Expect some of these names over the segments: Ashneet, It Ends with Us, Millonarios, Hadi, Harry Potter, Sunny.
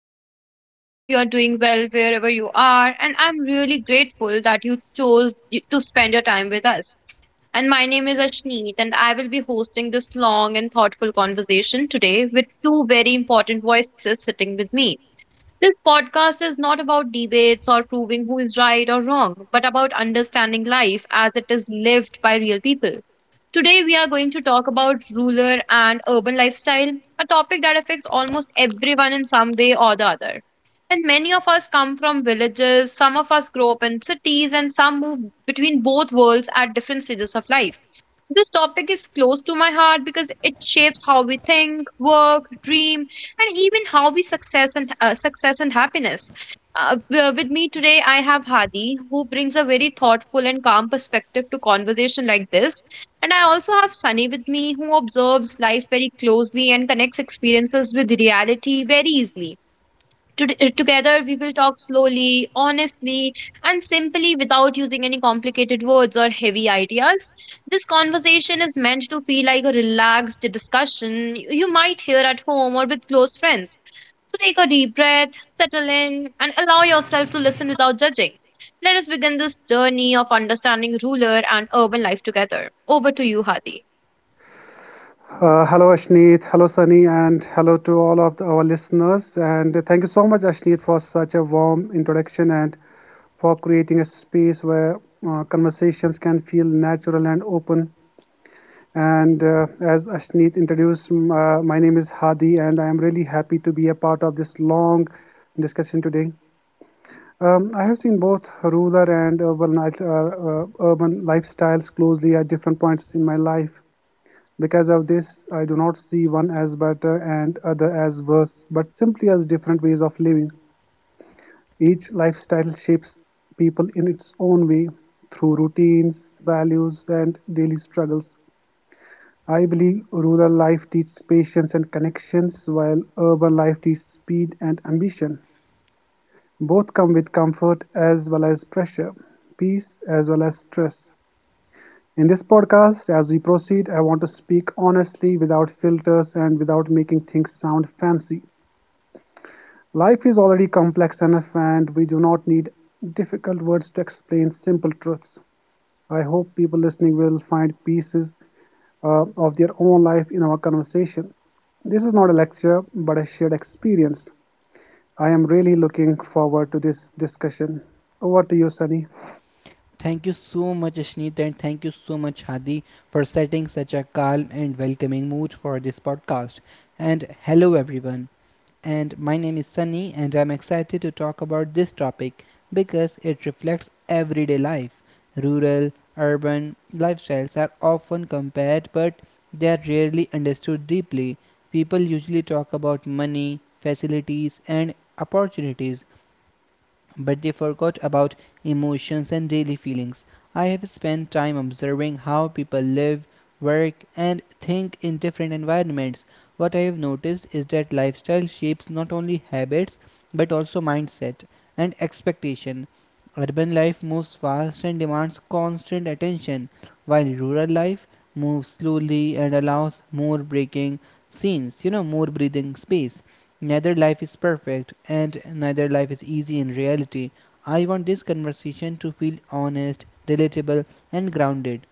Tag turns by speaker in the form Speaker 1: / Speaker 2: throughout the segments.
Speaker 1: I really hope you are doing well wherever you are, and I'm really grateful that you chose to spend your time with us. And my name is Ashneet, and I will be hosting this long and thoughtful conversation today with two very important voices sitting with me. This podcast is not about debates or proving who is right or wrong, but about understanding life as it is lived by real people. Today, we are going to talk about rural and urban lifestyle, a topic that affects almost everyone in some way or the other. And many of us come from villages, some of us grow up in cities, and some move between both worlds at different stages of life. This topic is close to my heart because it shapes how we think, work, dream, and even how we success and success and happiness. With me today, I have Hadi, who brings a very thoughtful and calm perspective to conversation like this, and I also have Sunny with me, who observes life very closely and connects experiences with reality very easily. Together, we will talk slowly, honestly, and simply without using any complicated words or heavy ideas. This conversation is meant to feel like a relaxed discussion you might hear at home or with close friends. So take a deep breath, settle in, and allow yourself to listen without judging. Let us begin this journey of understanding ruler and urban life together. Over to you, Hadi.
Speaker 2: Hello, Ashneet. Hello, Sunny, and hello to all of our listeners. And thank you so much, Ashneet, for such a warm introduction and for creating a space where conversations can feel natural and open. And as Ashneet introduced, my name is Hadi, and I am really happy to be a part of this long discussion today. I have seen both rural and urban, urban lifestyles closely at different points in my life. Because of this, I do not see one as better and other as worse, but simply as different ways of living. Each lifestyle shapes people in its own way through routines, values, and daily struggles. I believe rural life teaches patience and connections, while urban life teaches speed and ambition. Both come with comfort as well as pressure, peace as well as stress. In this podcast, as we proceed, I want to speak honestly without filters and without making things sound fancy. Life is already complex enough, and we do not need difficult words to explain simple truths. I hope people listening will find pieces of their own life in our conversation. This is not a lecture, but a shared experience. I am really looking forward to this discussion. Over to you, Sunny.
Speaker 3: Thank you so much, Ashneet, and thank you so much, Hadi, for setting such a calm and welcoming mood for this podcast. And hello, everyone. And my name is Sunny, and I'm excited to talk about this topic because it reflects everyday life. Rural, urban lifestyles are often compared, but they are rarely understood deeply. People usually talk about money, facilities, and opportunities, but they forgot about emotions and daily feelings. I have spent time observing how people live, work, and think in different environments. What I have noticed is that lifestyle shapes not only habits but also mindset and expectation. Urban life moves fast and demands constant attention, while rural life moves slowly and allows more breaking scenes, more breathing space. Neither life is perfect and neither life is easy in reality. I want this conversation to feel honest, relatable, and grounded.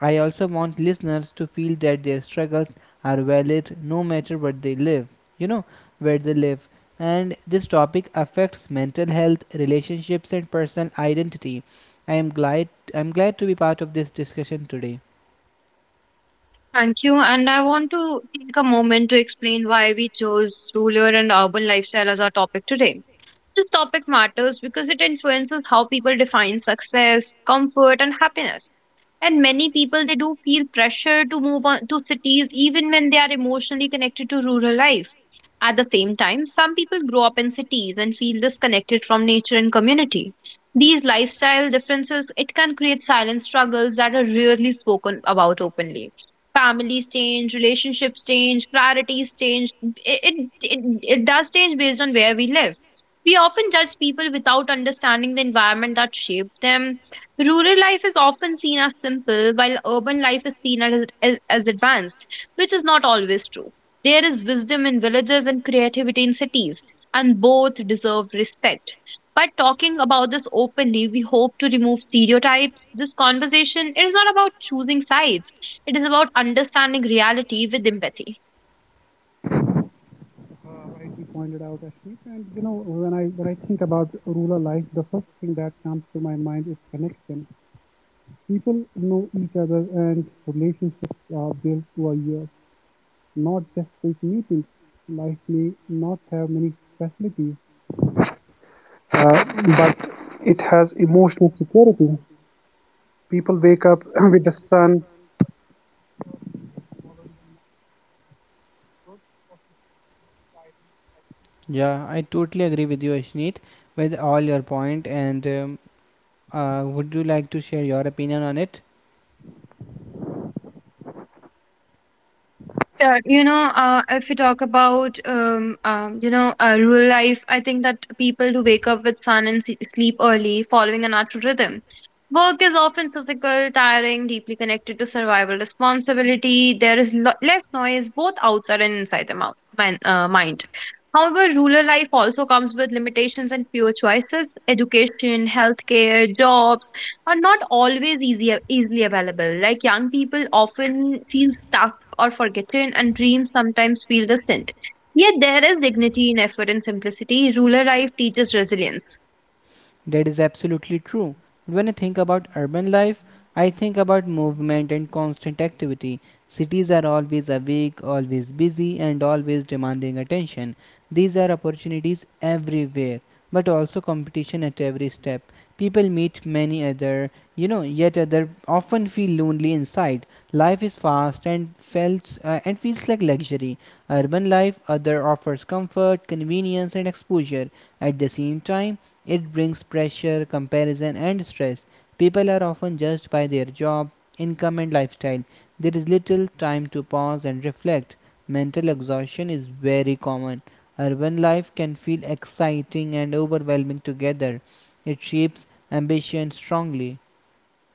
Speaker 3: I also want listeners to feel that their struggles are valid no matter what they live, you know, where they live. And this topic affects mental health, relationships, and personal identity. I am glad I'm glad to be part of this discussion today.
Speaker 1: Thank you. And I want to take a moment to explain why we chose rural and urban lifestyle as our topic today. This topic matters because it influences how people define success, comfort, and happiness. And many people they do feel pressure to move on to cities even when they are emotionally connected to rural life. At the same time, some people grow up in cities and feel disconnected from nature and community. These lifestyle differences it can create silent struggles that are rarely spoken about openly. Families change, relationships change, priorities change. It does change based on where we live. We often judge people without understanding the environment that shaped them. Rural life is often seen as simple, while urban life is seen as, as advanced, which is not always true. There is wisdom in villages and creativity in cities, and both deserve respect. By talking about this openly, we hope to remove stereotypes. This conversation it is not about choosing sides; it is about understanding reality with empathy.
Speaker 2: uh, Rightly pointed out, Ashdeep. And you know, when I think about rural life, the first thing that comes to my mind is connection. People know each other, and relationships are built over years, not just quick meetings. Life may not have many facilities, uh, but it has emotional security. People wake up with the sun.
Speaker 3: Yeah, I totally agree with you, Ashneet, with all your point, and would you like to share your opinion on it?
Speaker 1: Sure. You know, if we talk about, you know, rural life, I think that people do wake up with sun and sleep early, following a natural rhythm. Work is often physical, tiring, deeply connected to survival responsibility. There is less noise both outside and inside the mind. However, rural life also comes with limitations and fewer choices. Education, healthcare, jobs, are not always easily available. Like young people often feel stuck or forgotten, and dreams sometimes feel distant. Yet there is dignity in effort and simplicity. Rural life teaches resilience.
Speaker 3: That is absolutely true. When I think about urban life, I think about movement and constant activity. Cities are always awake, always busy, and always demanding attention. These are opportunities everywhere, but also competition at every step. People meet many other, you know, yet other often feel lonely inside. Life is fast and feels like luxury. Urban life other offers comfort, convenience, and exposure. At the same time, it brings pressure, comparison, and stress. People are often judged by their job, income, and lifestyle. There is little time to pause and reflect. Mental exhaustion is very common. Urban life can feel exciting and overwhelming together. It shapes ambition strongly.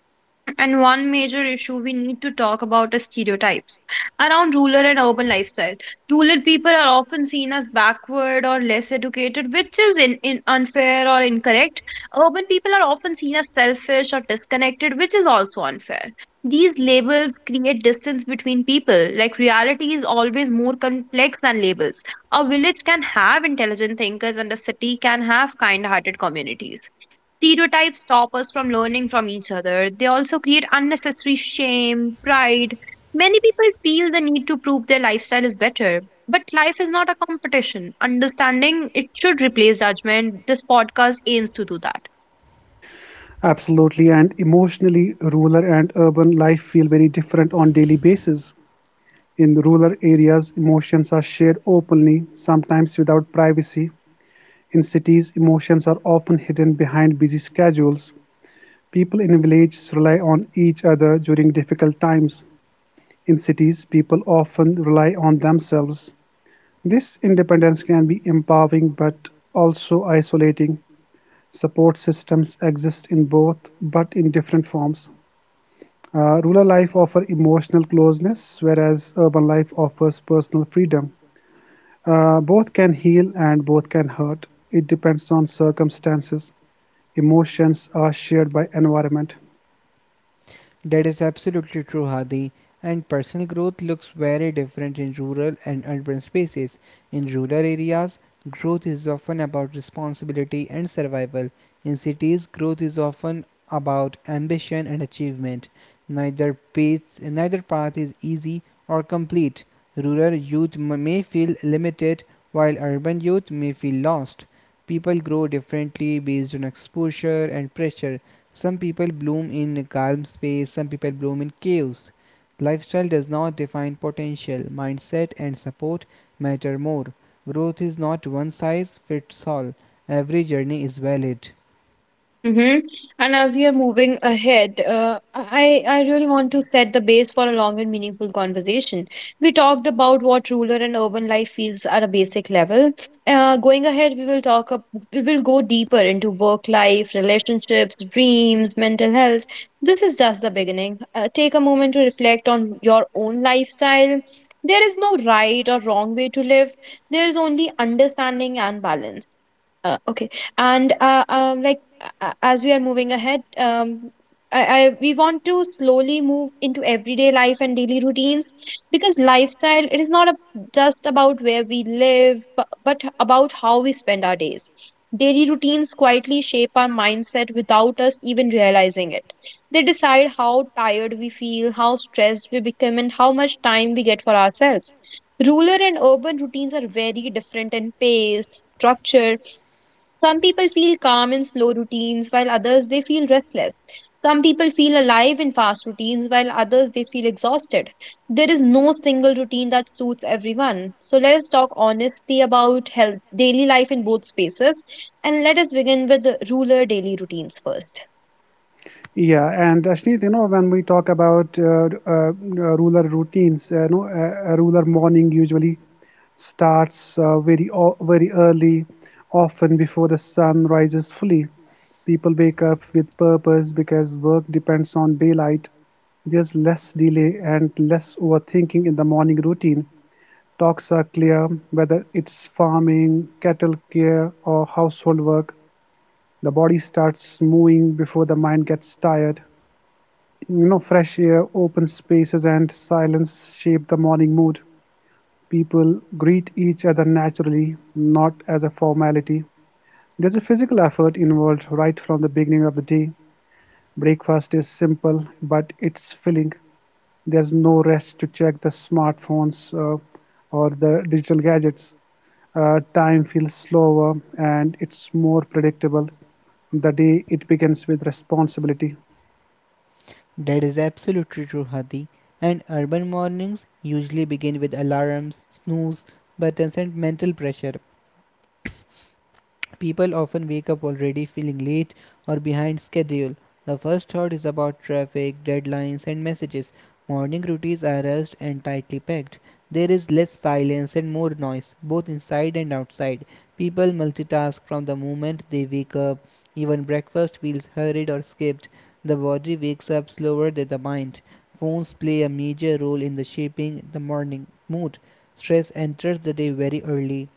Speaker 1: And one major issue we need to talk about is stereotypes around rural and urban lifestyle. Rural people are often seen as backward or less educated, which is in unfair or incorrect. Urban people are often seen as selfish or disconnected, which is also unfair. These labels create distance between people. Like reality is always more complex than labels. A village can have intelligent thinkers, and a city can have kind hearted communities. Stereotypes stop us from learning from each other. They also create unnecessary shame, pride. Many people feel the need to prove their lifestyle is better. But life is not a competition. Understanding it should replace judgment. This podcast aims to do that.
Speaker 2: Absolutely, and emotionally, rural and urban life feel very different on daily basis. In rural areas, emotions are shared openly, sometimes without privacy. In cities, emotions are often hidden behind busy schedules. People in villages rely on each other during difficult times. In cities, people often rely on themselves. This independence can be empowering but also isolating. Support systems exist in both but in different forms. Rural life offers emotional closeness, whereas urban life offers personal freedom. Both can heal and both can hurt. It depends on circumstances. Emotions are shared by environment.
Speaker 3: That is absolutely true, Hadi. And personal growth looks very different in rural and urban spaces. In rural areas, growth is often about responsibility and survival. In cities, growth is often about ambition and achievement. Neither path is easy or complete. Rural youth may feel limited, while urban youth may feel lost. People grow differently based on exposure and pressure. Some people bloom in calm space, some people bloom in chaos. Lifestyle does not define potential, mindset and support matter more. Growth is not one size fits all, every journey is valid.
Speaker 1: Mm-hmm. And as we are moving ahead, I really want to set the base for a long and meaningful conversation. We talked about what rural and urban life feels at a basic level. Going ahead, we will We will go deeper into work life, relationships, dreams, mental health. This is just the beginning. Take a moment to reflect on your own lifestyle. There is no right or wrong way to live. There is only understanding and balance. Okay. And like a- As we are moving ahead, I we want to slowly move into everyday life and daily routines because lifestyle it is not a, just about where we live, but about how we spend our days. Daily routines quietly shape our mindset without us even realizing it. They decide how tired we feel, how stressed we become, and how much time we get for ourselves. Rural and urban routines are very different in pace, structure, some people feel calm in slow routines, while others they feel restless. Some people feel alive in fast routines, while others they feel exhausted. There is no single routine that suits everyone. So let us talk honestly about health, daily life in both spaces, and let us begin with the ruler daily routines first.
Speaker 2: Yeah, and Ashneet, you know, when we talk about ruler routines, you know, a ruler morning usually starts very very early, often before the sun rises fully. People wake up with purpose because work depends on daylight. There's less delay and less overthinking in the morning routine. Talks are clear, whether it's farming, cattle care, or household work. The body starts moving before the mind gets tired. You know, fresh air, open spaces, and silence shape the morning mood. People greet each other naturally, not as a formality. There's a physical effort involved right from the beginning of the day. Breakfast is simple, but it's filling. There's no rest to check the smartphones or the digital gadgets. Time feels slower and it's more predictable. The day it begins with responsibility.
Speaker 3: That is absolutely true, Hadi. And urban mornings usually begin with alarms, snooze buttons, and mental pressure. People often wake up already feeling late or behind schedule. The first thought is about traffic, deadlines, and messages. Morning routines are rushed and tightly packed. There is less silence and more noise, both inside and outside. People multitask from the moment they wake up. Even breakfast feels hurried or skipped. The body wakes up slower than the mind. Phones play a major role in the shaping the morning mood. Stress enters the day very early.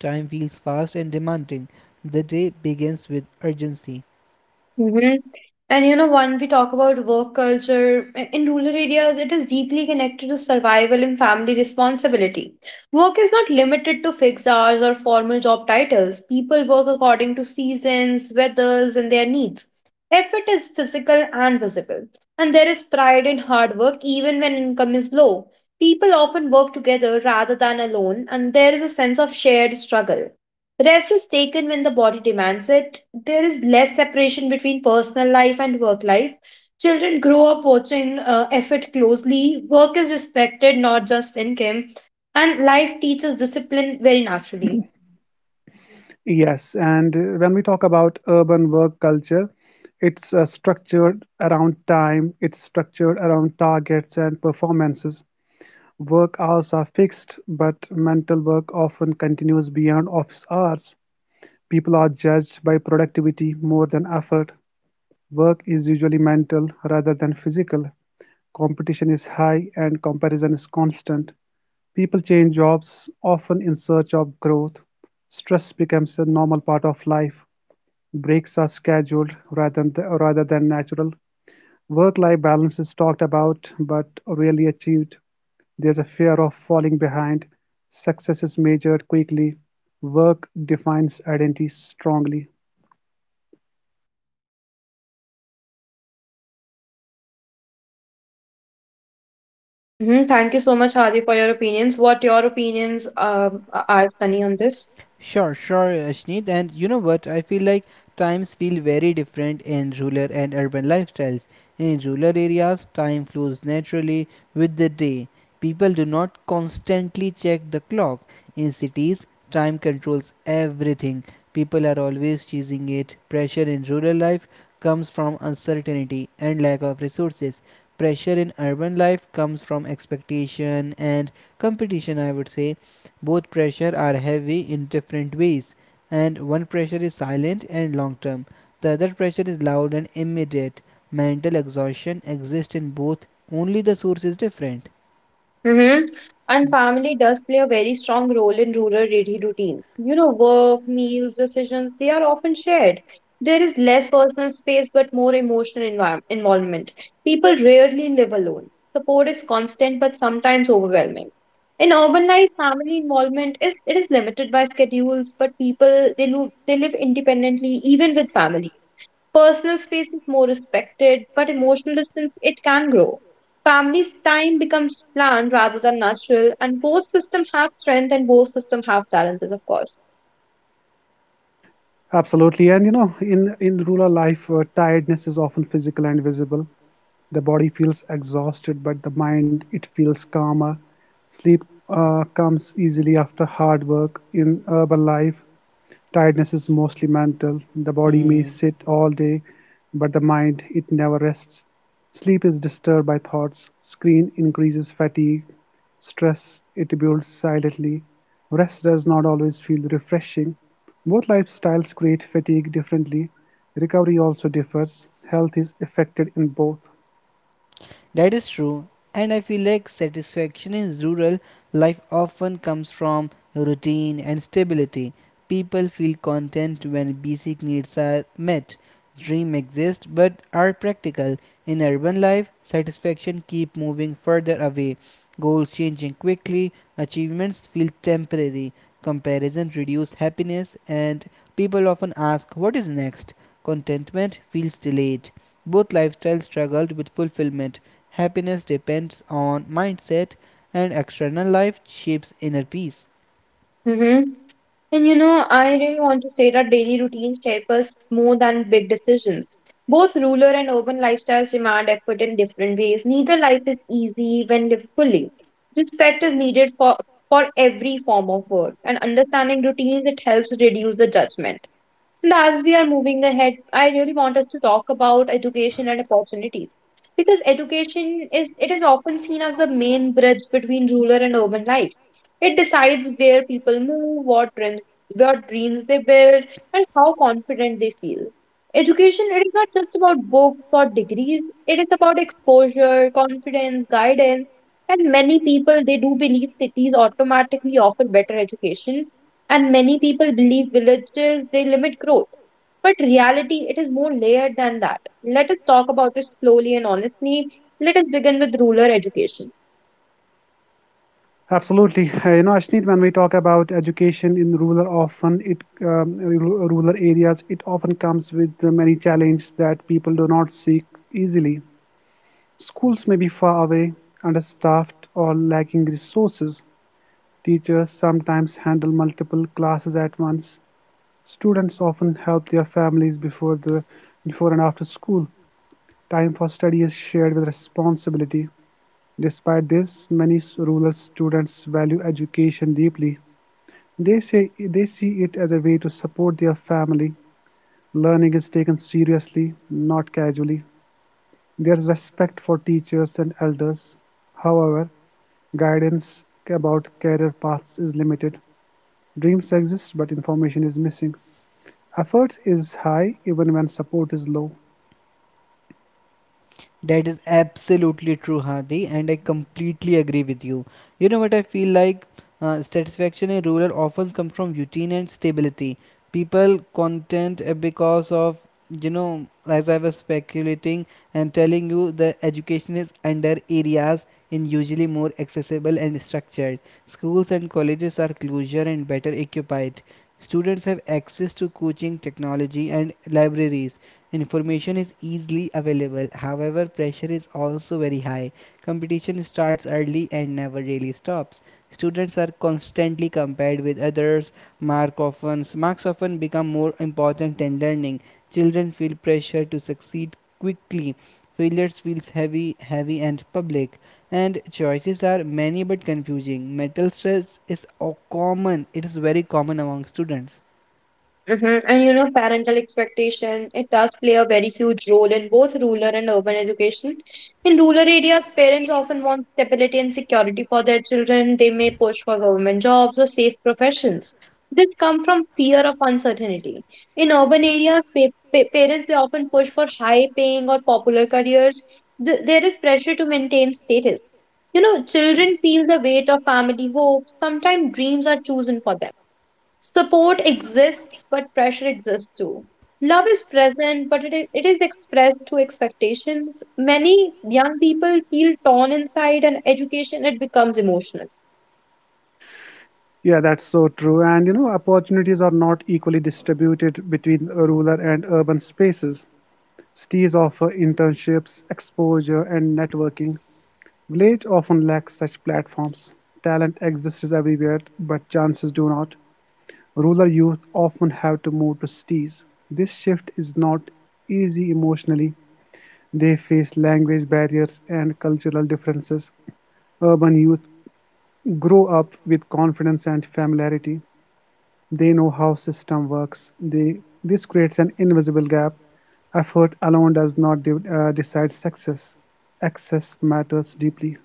Speaker 3: Time feels fast and demanding; the day begins with urgency.
Speaker 1: hmm And you know, when we talk about work culture, in rural areas, it is deeply connected to survival and family responsibility. Work is not limited to fixed hours or formal job titles. People work according to seasons, weathers, and their needs. Effort is physical and visible, and there is pride in hard work even when income is low. People often work together rather than alone, and there is a sense of shared struggle. Rest is taken when the body demands it. There is less separation between personal life and work life. Children grow up watching effort closely. Work is respected, not just income. And life teaches discipline very naturally.
Speaker 2: Yes, and when we talk about urban work culture, it's structured around time, it's structured around targets and performances. Work hours are fixed, but mental work often continues beyond office hours. People are judged by productivity more than effort. Work is usually mental rather than physical, competition is high and comparison is constant. People change jobs often in search of growth. Stress becomes a normal part of life. Breaks are scheduled rather than natural. Work life balance is talked about but rarely achieved. There's a fear of falling behind. Success is measured quickly. Work defines identity strongly.
Speaker 1: Thank you so much, Hadi, for your opinions. What your opinions are, Sunny, on this?
Speaker 3: Sure, Ashneet. And you know what? I feel like times feel very different in rural and urban lifestyles. In rural areas, time flows naturally with the day. People do not constantly check the clock. In cities, time controls everything. People are always chasing it. Pressure in rural life comes from uncertainty and lack of resources. Pressure in urban life comes from expectation and competition, I would say. Both pressure are heavy in different ways, and one pressure is silent and long term. The other pressure is loud and immediate. Mental exhaustion exists in both, only the source is different.
Speaker 1: Mm-hmm. And family does play a very strong role in rural daily routines. You know, work, meals, decisions, they are often shared. There is less personal space but more emotional involvement. People rarely live alone. Support is constant but sometimes overwhelming. In urban life, family involvement is it is limited by schedules, but people they live independently even with family. Personal space is more respected, but emotional distance it can grow. Family's time becomes planned rather than natural, and both systems have strength and both systems have challenges, of course.
Speaker 2: Absolutely. And you know, in rural life, tiredness is often physical and visible. The body feels exhausted, but the mind it feels calmer. Sleep comes easily after hard work. In urban life, tiredness is mostly mental. The body may
Speaker 3: Hmm.
Speaker 2: sit all day, but the mind, it never rests. Sleep is disturbed by thoughts. Screen increases fatigue. Stress, it builds silently. Rest does not always feel refreshing. Both lifestyles create fatigue differently. Recovery also differs. Health is affected in both.
Speaker 3: That is true, and I feel like satisfaction in rural life often comes from routine and stability. People feel content when basic needs are met. Dreams exist but are practical. In urban life, satisfaction keep moving further away. Goals changing quickly, achievements feel temporary. Comparison reduces happiness and people often ask what is next. Contentment feels delayed. Both lifestyles struggled with fulfillment happiness depends on mindset, and external life shapes inner peace.
Speaker 1: hmm And you know, I really want to say that daily routines shape us more than big decisions. Both rural and urban lifestyles demand effort in different ways. Neither life is easy when lived fully. Respect is needed for every form of work, and understanding routines it helps reduce the judgment. And as we are moving ahead, I really want us to talk about education and opportunities. Because education is it is often seen as the main bridge between rural and urban life. It decides where people move, what dreams they build, and how confident they feel. Education it is not just about books or degrees, it is about exposure, confidence, guidance. And many people they do believe cities automatically offer better education and many people believe villages they limit growth. But reality it is more layered than that. Let us talk about it slowly and honestly. Let us begin with rural education.
Speaker 2: Absolutely. You know, Ashneet, when we talk about education in rural, often it rural areas, it often comes with the many challenges that people do not seek easily. Schools may be far away, understaffed, or lacking resources. Teachers sometimes handle multiple classes at once. Students often help their families before and after school. Time for study is shared with responsibility. Despite this, many rural students value education deeply. They say they see it as a way to support their family. Learning is taken seriously, not casually. There is respect for teachers and elders. However, guidance about career paths is limited. Dreams exist, but information is missing. Effort is high even when support is low.
Speaker 3: That is absolutely true, Hadi, and I completely agree with you. You know what I feel like? Satisfaction in rural often comes from routine and stability. People content because of, you know, as I was speculating and telling you, the education is under areas in usually more accessible and structured. Schools and colleges are closer and better equipped. Students have access to coaching, technology, and libraries. Information is easily available, however, pressure is also very high. Competition starts early and never really stops. Students are constantly compared with others. Marks often become more important than learning. Children feel pressure to succeed quickly. Failures feels heavy and public. And choices are many but confusing. Mental stress is common. It is very common among students.
Speaker 1: And you know, parental expectation, it does play a very huge role in both rural and urban education. In rural areas, parents often want stability and security for their children. They may push for government jobs or safe professions. This come from fear of uncertainty. In urban areas, parents they often push for high-paying or popular careers. There is pressure to maintain status. You know, children feel the weight of family hope. Sometimes dreams are chosen for them. Support exists, but pressure exists too. Love is present, but it is expressed through expectations. Many young people feel torn inside, and education it becomes emotional.
Speaker 2: Yeah, that's so true. And you know, opportunities are not equally distributed between rural and urban spaces. Cities offer internships, exposure, and networking. Village often lacks such platforms. Talent exists everywhere but chances do not. Rural youth often have to move to cities. This shift is not easy emotionally. They face language barriers and cultural differences. Urban youth grow up with confidence and familiarity. They know how system works. This creates an invisible gap. Effort alone does not decide success. Access matters deeply.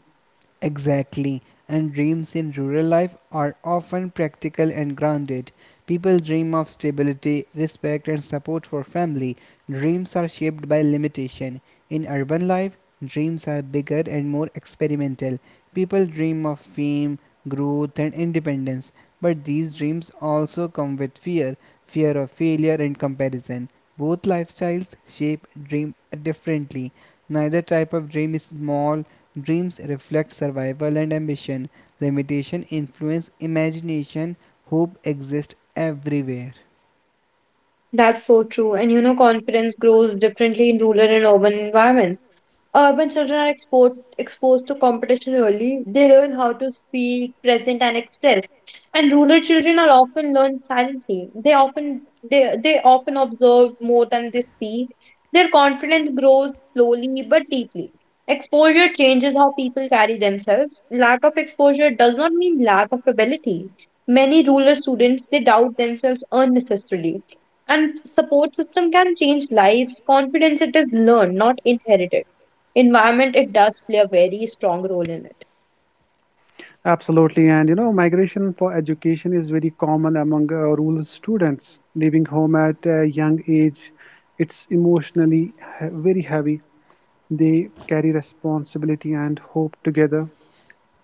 Speaker 3: Exactly. And dreams in rural life are often practical and grounded. People dream of stability, respect, and support for family. Dreams are shaped by limitation. In urban life, dreams are bigger and more experimental. People dream of fame, growth, and independence. But these dreams also come with fear of failure and comparison. Both lifestyles shape dream differently. Neither type of dream is small. Dreams reflect survival and ambition. Limitation influence imagination. Hope exists everywhere.
Speaker 1: That's so true. And you know, confidence grows differently in rural and urban environments. Urban children are exposed to competition early. They learn how to speak, present, and express. And rural children are often learn silently. They often observe more than they speak. Their confidence grows slowly but deeply. Exposure changes how people carry themselves. Lack of exposure does not mean lack of ability. Many rural students they doubt themselves unnecessarily. And support system can change lives. Confidence it is learned, not inherited environment it does play a very strong role in it.
Speaker 2: Absolutely. And you know, migration for education is very common among rural students. Leaving home at a young age, it's very heavy. They carry responsibility and hope together.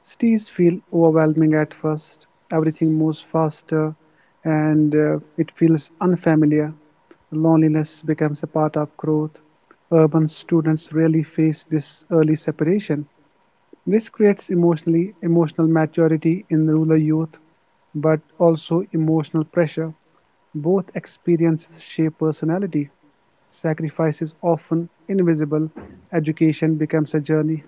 Speaker 2: Cities feel overwhelming at first. Everything moves faster and it feels unfamiliar. Loneliness becomes a part of growth. Urban students rarely face this early separation. This creates emotional maturity in rural youth, but also emotional pressure. Both experiences shape personality. Sacrifice is often invisible. Education becomes a journey.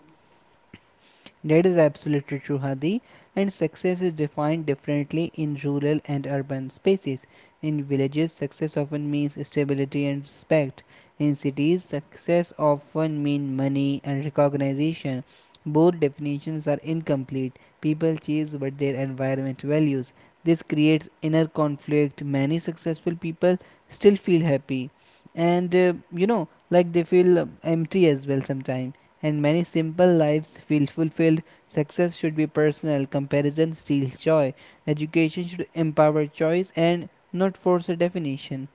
Speaker 3: That is absolutely true, Hadi. And success is defined differently in rural and urban spaces. In villages, success often means stability and respect. In cities, success often means money and recognition. Both definitions are incomplete. People chase what their environment values. This creates inner conflict. Many successful people still feel happy and you know like they feel empty as well sometimes and many simple lives feel fulfilled. Success should be personal, comparison steals joy. Education should empower choice and not force a definition.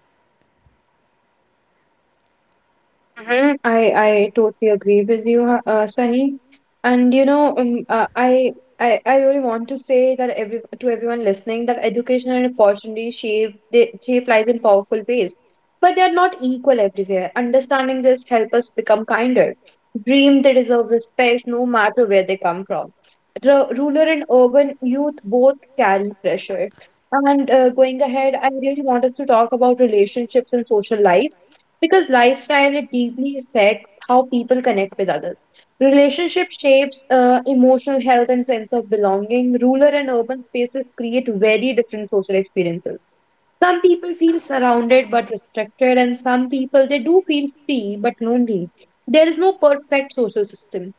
Speaker 1: Mm-hmm. I totally agree with you, Sunny. And you know, I, I really want to say that every to everyone listening that education and opportunity shape they shape lives in powerful ways, but they are not equal everywhere. Understanding this help us become kinder. Dream they deserve respect no matter where they come from. Rural and urban youth both carry pressure. And going ahead, I really want us to talk about relationships and social life because lifestyle it deeply affects how people connect with others. Relationship shapes emotional health and sense of belonging. Rural and urban spaces create very different social experiences. Some people feel surrounded but restricted, and some people they do feel free but lonely. There is no perfect social system.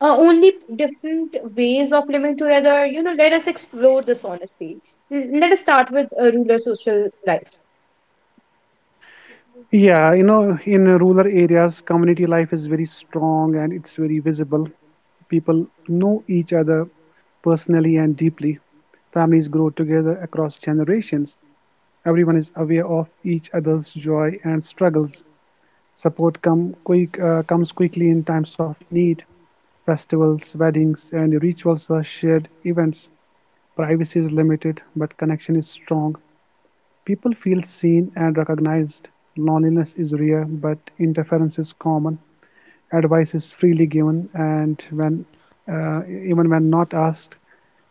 Speaker 1: Only different ways of living together. Let us explore this honestly. Let us start with a rural social life.
Speaker 2: Yeah, you know, in rural areas, community life is very strong and it's very visible. People know each other personally and deeply. Families grow together across generations. Everyone is aware of each other's joy and struggles. Comes quickly in times of need. Festivals, weddings, and rituals are shared events. Privacy is limited, but connection is strong. People feel seen and recognized. Loneliness is rare, but interference is common. Advice is freely given, and when even when not asked,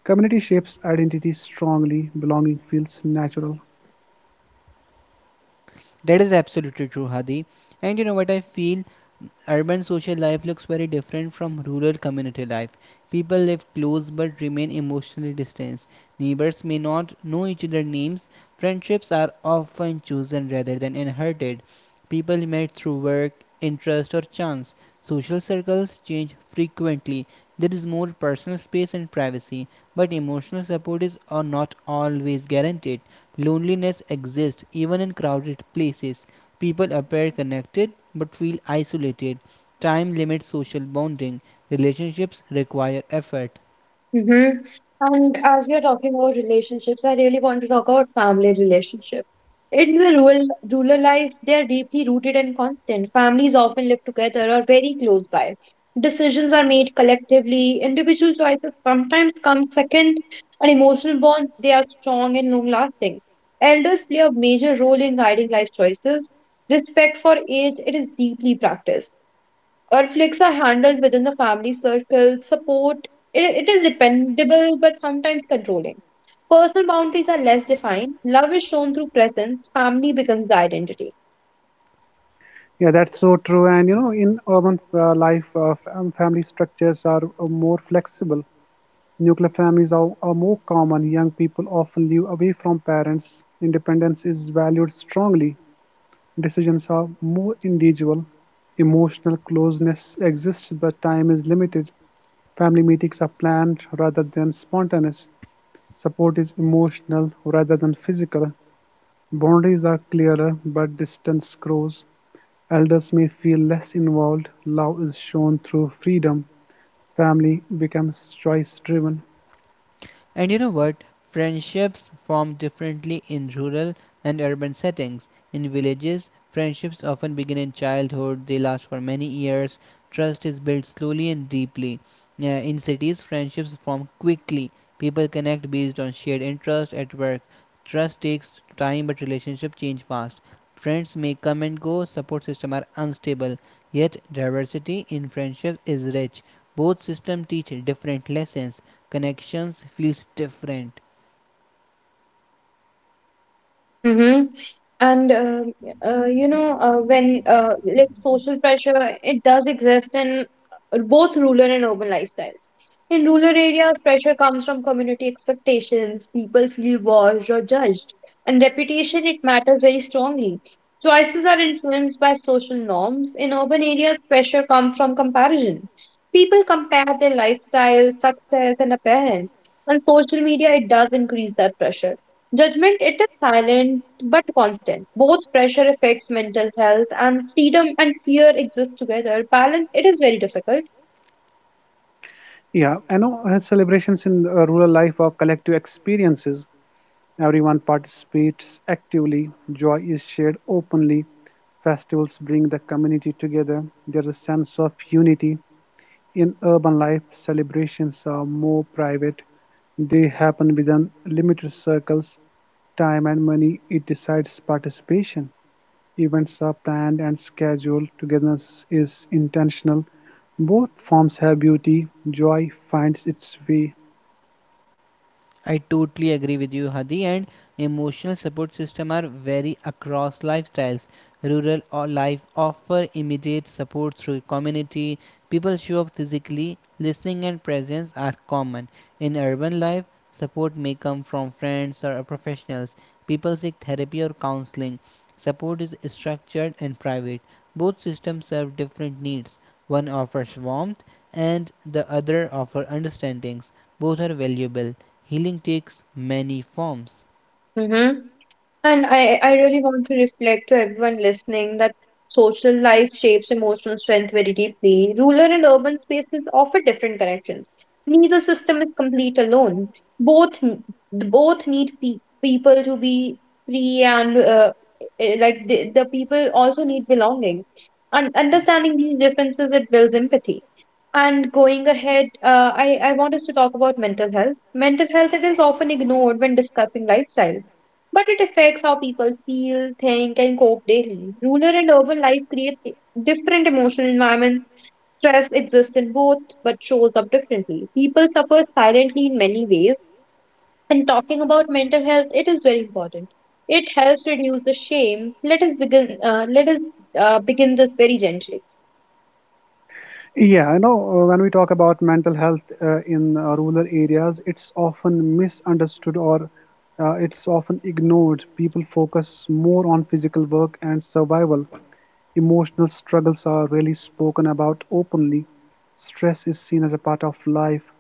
Speaker 2: community shapes identity strongly. Belonging feels natural.
Speaker 3: That is absolutely true, Hadi. And you know what I feel? Urban social life looks very different from rural community life. People live close but remain emotionally distant. Neighbors may not know each other's names. Friendships are often chosen rather than inherited. People meet through work, interest, or chance. Social circles change frequently. There is more personal space and privacy, but emotional support is not always guaranteed. Loneliness exists even in crowded places. People appear connected but feel isolated. Time limits social bonding. Relationships require effort.
Speaker 1: Mm-hmm. And as we are talking about relationships, I really want to talk about family relationships. In the rural life, they are deeply rooted and constant. Families often live together or very close by. Decisions are made collectively. Individual choices sometimes come second, and emotional bonds they are strong and long lasting. Elders play a major role in guiding life choices. Respect for age it is deeply practiced. Conflicts are handled within the family circle, support. It is dependable but sometimes controlling. Personal boundaries are less defined. Love is shown through presence. Family becomes the identity.
Speaker 2: Yeah, that's so true. And you know, in urban life, family structures are more flexible. Nuclear families are more common. Young people often live away from parents, independence is valued strongly, decisions are more individual, emotional closeness exists but time is limited, family meetings are planned rather than spontaneous, support is emotional rather than physical, boundaries are clearer but distance grows, elders may feel less involved, love is shown through freedom, family becomes choice driven.
Speaker 3: And you know what? Friendships form differently in rural and urban settings. In villages, friendships often begin in childhood, they last for many years. Trust is built slowly and deeply. In cities, friendships form quickly. People connect based on shared interest at work. Trust takes time, but relationships change fast. Friends may come and go, support systems are unstable. Yet, diversity in friendships is rich. Both systems teach different lessons, connections feels different.
Speaker 1: Mm-hmm. And you know, when like social pressure, it does exist in both rural and urban lifestyles. In rural areas, pressure comes from community expectations. People feel watched or judged, and reputation it matters very strongly. Choices are influenced by social norms. In urban areas, pressure comes from comparison. People compare their lifestyle, success, and appearance. And social media, it does increase that pressure. Judgment, it is silent but constant. Both pressure affects mental health and freedom and fear exist together. Balance, it is very difficult.
Speaker 2: Yeah, I know celebrations in rural life are collective experiences. Everyone participates actively, joy is shared openly, festivals bring the community together. There's a sense of unity. In urban life, celebrations are more private, they happen within limited circles. Time and money, it decides participation. Events are planned and scheduled, togetherness is intentional. Both forms have beauty, joy finds its way.
Speaker 3: I totally agree with you, Hadi. And emotional support system are vary across lifestyles. Rural or life offer immediate support through community. People show up physically. Listening and presence are common. In urban life, support may come from friends or professionals. People seek therapy or counseling. Support is structured and private. Both systems serve different needs. One offers warmth and the other offer understandings. Both are valuable. Healing takes many forms.
Speaker 1: Mm-hmm. And I really want to reflect to everyone listening that social life shapes emotional strength very deeply. Rural and urban spaces offer different connections. Neither system is complete alone. Both n- both need people to be free and the people also need belonging. And understanding these differences it builds empathy. And going ahead, I want us to talk about mental health. Mental health, it is often ignored when discussing lifestyle, but it affects how people feel, think, and cope daily. Rural and urban life create different emotional environments. Stress exists in both, but shows up differently. People suffer silently in many ways, and talking about mental health, it is very important. It helps reduce the shame. Let us begin. Let us begin this very gently.
Speaker 2: Yeah, I know when we talk about mental health in rural areas, it's often misunderstood or it's often ignored. People focus more on physical work and survival. Emotional struggles are rarely spoken about openly. Stress is seen as a part of life.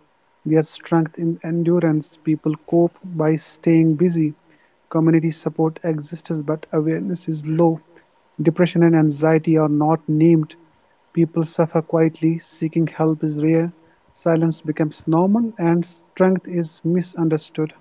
Speaker 2: There's strength in endurance. People cope by staying busy. Community support exists, but awareness is low. Depression and anxiety are not named. People suffer quietly, seeking help is rare, silence becomes normal, and strength is misunderstood.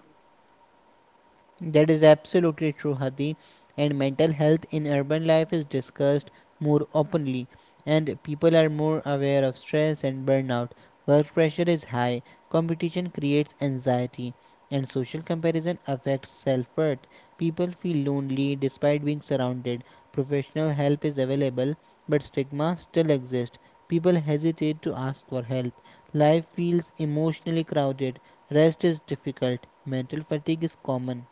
Speaker 3: That is absolutely true, Hadi. And mental health in urban life is discussed more openly, and people are more aware of stress and burnout. Work pressure is high, competition creates anxiety, and social comparison affects self worth. People feel lonely despite being surrounded. Professional help is available, but stigma still exists. People hesitate to ask for help. Life feels emotionally crowded. Rest is difficult. Mental fatigue is common.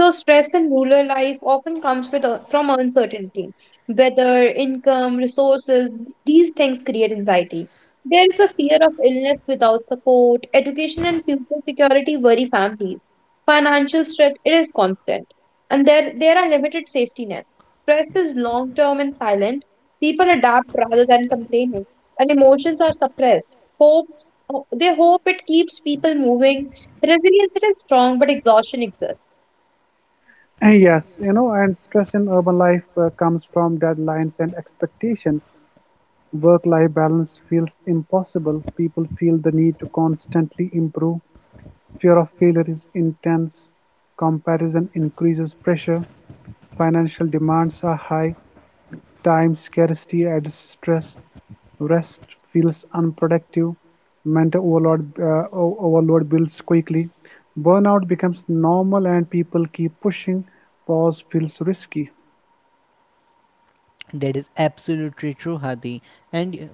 Speaker 1: So, stress in rural life often comes from uncertainty. Weather, income, resources, these things create anxiety. There is a fear of illness without support, education and future security worry families. Financial stress, it is constant. And there are limited safety nets. Stress is long term and silent. People adapt rather than complaining, and emotions are suppressed. Hope, they hope it keeps people moving. Resilience it is strong, but exhaustion exists.
Speaker 2: And yes, you know, and stress in urban life comes from deadlines and expectations. Work life balance feels impossible. People feel the need to constantly improve. Fear of failure is intense. Comparison increases pressure. Financial demands are high. Time, scarcity, and stress. Rest feels unproductive. Overload builds quickly. Burnout becomes normal, and people keep pushing. Pause feels risky.
Speaker 3: That is absolutely true, Hadi. And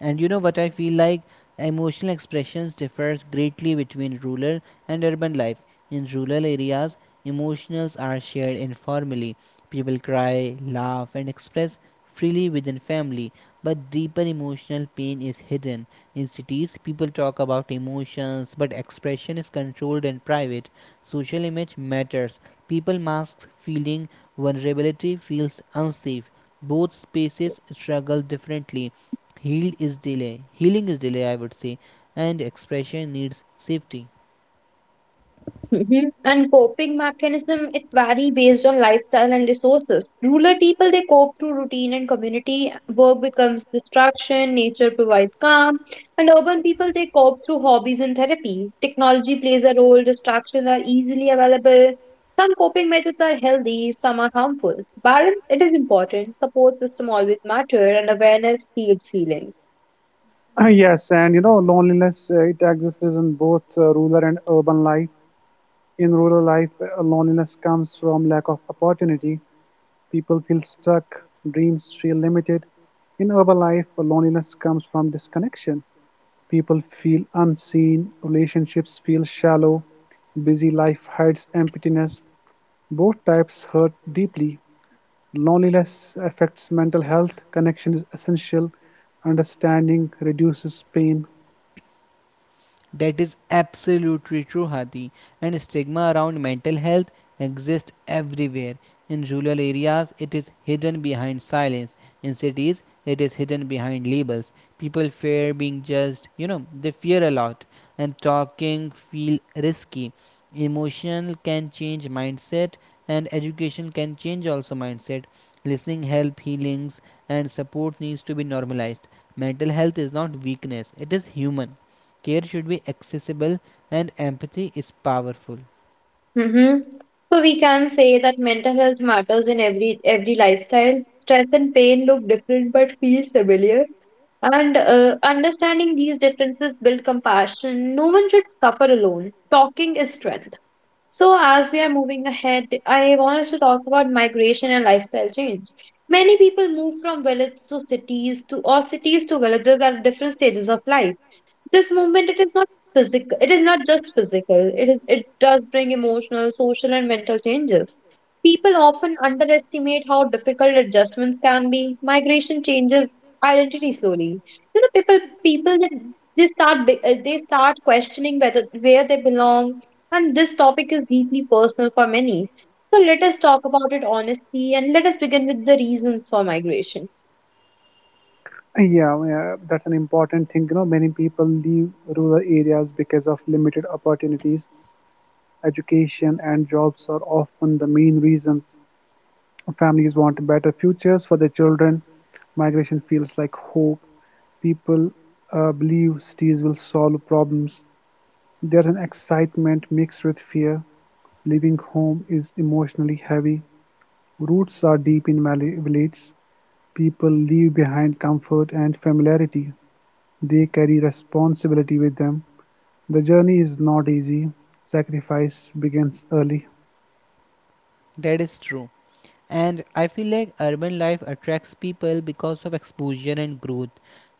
Speaker 3: and you know what I feel like emotional expressions differs greatly between rural and urban life. In rural areas, emotions are shared informally. People cry, laugh, and express freely within family, but deeper emotional pain is hidden. In cities, people talk about emotions, but expression is controlled and private. Social image matters. People mask feeling, vulnerability feels unsafe. Both species struggle differently. Healed is delay healing is delay, I would say, and expression needs safety.
Speaker 1: Mhm. And coping mechanism, it vary based on lifestyle and resources. Rural people, they cope through routine and community. Work becomes distraction, nature provides calm. And urban people, they cope through hobbies and therapy. Technology plays a role, distractions are easily available. Some coping methods are healthy, some are harmful. Balance, it is important. Support system always matter and awareness keeps healing.
Speaker 2: Yes, and you know, loneliness, it exists in both rural and urban life. In rural life, loneliness comes from lack of opportunity. People feel stuck, dreams feel limited. In urban life, loneliness comes from disconnection. People feel unseen, relationships feel shallow, busy life hides emptiness. Both types hurt deeply. Loneliness affects mental health, connection is essential, understanding reduces pain.
Speaker 3: That is absolutely true, Hadi. And stigma around mental health exists everywhere. In rural areas, it is hidden behind silence. In cities, it is hidden behind labels. People fear being judged, you know, they fear a lot, and talking feel risky. Emotional can change mindset, and education can change also mindset. Listening, help, healings, and support needs to be normalized. Mental health is not weakness, it is human. Care should be accessible and empathy is powerful.
Speaker 1: Mm-hmm. So we can say that mental health matters in every lifestyle. Stress and pain look different but feel similar. And understanding these differences build compassion. No one should suffer alone. Talking is strength. So as we are moving ahead, I want us to talk about migration and lifestyle change. Many people move from villages to cities to or cities to villages at different stages of life. This movement, it is not physical. It is not just physical. It is. It does bring emotional, social, and mental changes. People often underestimate how difficult adjustments can be. Migration changes identity slowly. You know, people they start questioning whether where they belong, and this topic is deeply personal for many. So let us talk about it honestly, and let us begin with the reasons for migration.
Speaker 2: Yeah, that's an important thing. You know, many people leave rural areas because of limited opportunities. Education and jobs are often the main reasons. Families want better futures for their children. Migration feels like hope. People believe cities will solve problems. There's an excitement mixed with fear. Leaving home is emotionally heavy. Roots are deep in villages. People leave behind comfort and familiarity. They carry responsibility with them. The journey is not easy. Sacrifice begins early.
Speaker 3: That is true. And I feel like urban life attracts people because of exposure and growth.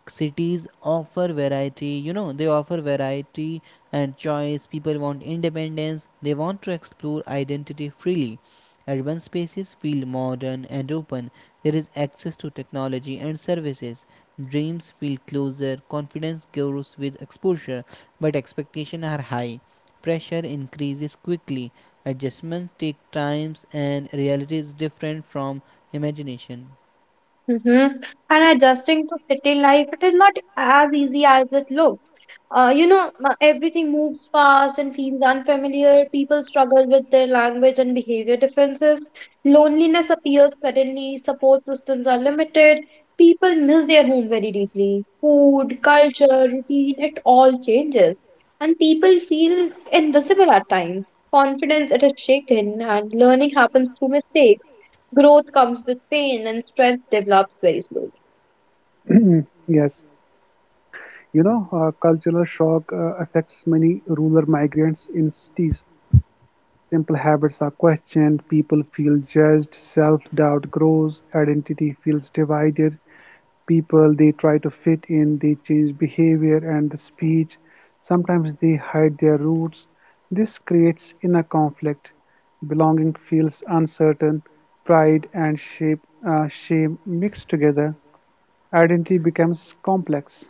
Speaker 3: Cities offer variety, you know, they offer variety and choice. People want independence, they want to explore identity freely. Urban spaces feel modern and open. There is access to technology and services. Dreams feel closer, confidence grows with exposure, but expectations are high. Pressure increases quickly, adjustments take times, and reality is different from imagination.
Speaker 1: Mm-hmm. And adjusting to city life, it is not as easy as it looks. Everything moves fast and feels unfamiliar. People struggle with their language and behavior differences. Loneliness appears suddenly. Support systems are limited. People miss their home very deeply. Food, culture, routine, it all changes. And people feel invisible at times. Confidence, it is shaken, and learning happens through mistakes. Growth comes with pain and strength develops very slowly.
Speaker 2: yes, You know, cultural shock affects many rural migrants in cities. Simple habits are questioned, people feel judged, self doubt grows, identity feels divided. People they try to fit in, they change behavior and the speech. Sometimes they hide their roots. This creates inner conflict. Belonging feels uncertain, pride and shame mixed together. Identity becomes complex.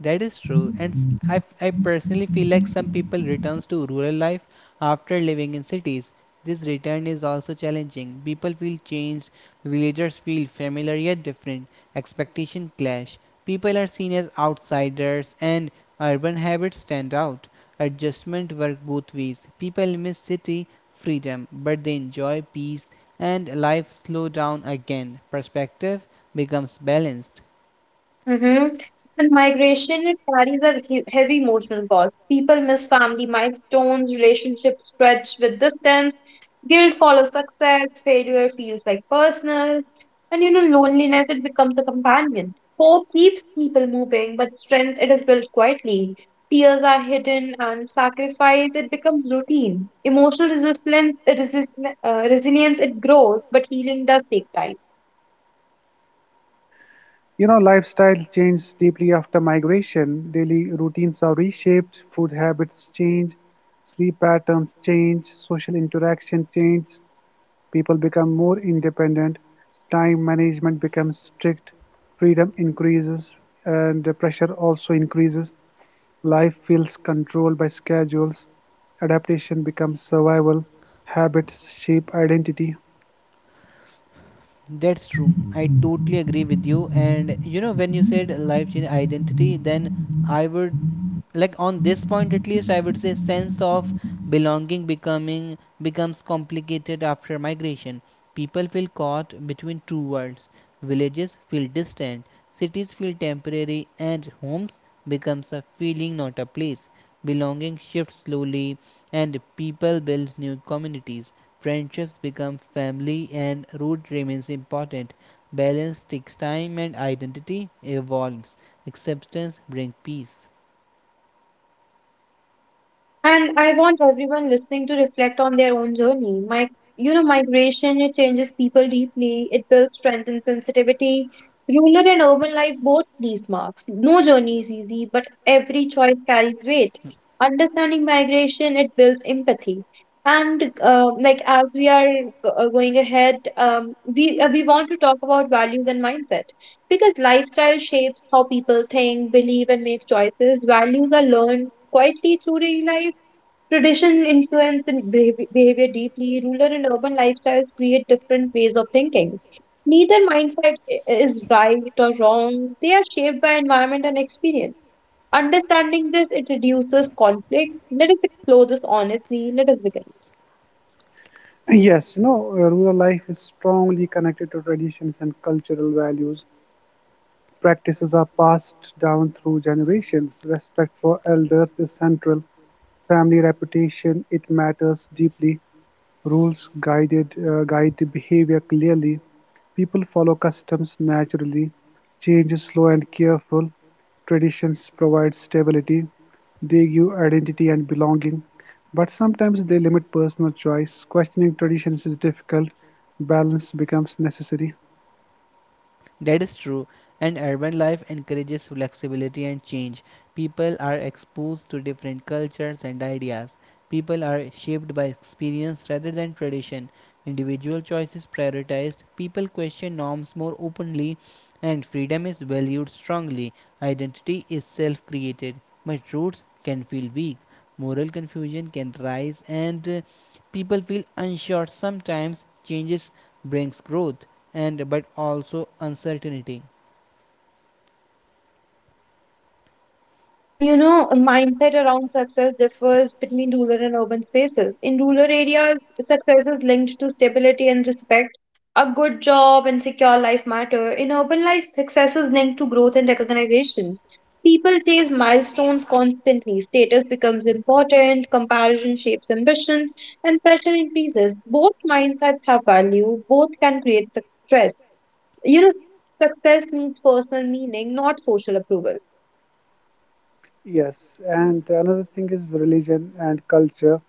Speaker 3: That is true, and I personally feel like some people returns to rural life after living in cities. This return is also challenging. People feel changed, villagers feel familiar yet different. Expectation clash. People are seen as outsiders, and urban habits stand out. Adjustment work both ways. People miss city freedom, but they enjoy peace and life slow down again. Perspective becomes balanced.
Speaker 1: Hmm. And migration, it carries a heavy emotional cost. People miss family milestones, relationships stretch with distance, guilt follows success, failure feels like personal, and you know, loneliness, it becomes a companion. Hope keeps people moving, but strength, it is built quietly. Tears are hidden and sacrifice, it becomes routine. Emotional resilience, it grows, but healing does take time.
Speaker 2: You know, lifestyle changed deeply after migration. Daily routines are reshaped, food habits change, sleep patterns change, social interaction changes, people become more independent, time management becomes strict, freedom increases, and the pressure also increases. Life feels controlled by schedules, adaptation becomes survival, habits shape identity.
Speaker 3: That's true. I totally agree with you. And you know, when you said life change identity, then I would like on this point at least I would say sense of belonging becoming becomes complicated after migration. People feel caught between two worlds. Villages feel distant, cities feel temporary, and homes becomes a feeling not a place. Belonging shifts slowly and people build new communities. Friendships become family and root remains important. Balance takes time and identity evolves. Acceptance brings peace.
Speaker 1: And I want everyone listening to reflect on their own journey. Migration, it changes people deeply. It builds strength and sensitivity. Rural and urban life both leave marks. No journey is easy, but every choice carries weight. Understanding migration, it builds empathy. And like as we are go- going ahead, we want to talk about values and mindset because lifestyle shapes how people think, believe, and make choices. Values are learned quietly through daily life. Tradition influence and behavior deeply. Rural and urban lifestyles create different ways of thinking. Neither mindset is right or wrong. They are shaped by environment and experience. Understanding this, it reduces conflict. Let us explore this honestly. Let us begin.
Speaker 2: Yes, you know, rural life is strongly connected to traditions and cultural values. Practices are passed down through generations; respect for elders is central; family reputation, it matters deeply; rules guided guide behavior clearly; people follow customs naturally; change is slow and careful; traditions provide stability; they give identity and belonging, but sometimes they limit personal choice. Questioning traditions is difficult; balance becomes necessary.
Speaker 3: That is true, and urban life encourages flexibility and change. People are exposed to different cultures and ideas. People are shaped by experience rather than tradition. Individual choice is prioritized. People question norms more openly, and freedom is valued strongly. Identity is self created, but roots can feel weak. Moral confusion can rise, and people feel unsure sometimes. Changes brings growth and but also uncertainty.
Speaker 1: And you know, a mindset around success differs between rural and urban spaces. In rural areas, success is linked to stability and respect. A good job and secure life matter. In urban life, success is linked to growth and recognition. People chase milestones constantly. Status becomes important, comparison shapes ambition, and pressure increases. Both mindsets have value, both can create success. You know, success needs personal meaning, not social approval.
Speaker 2: Yes, and another thing is religion and culture.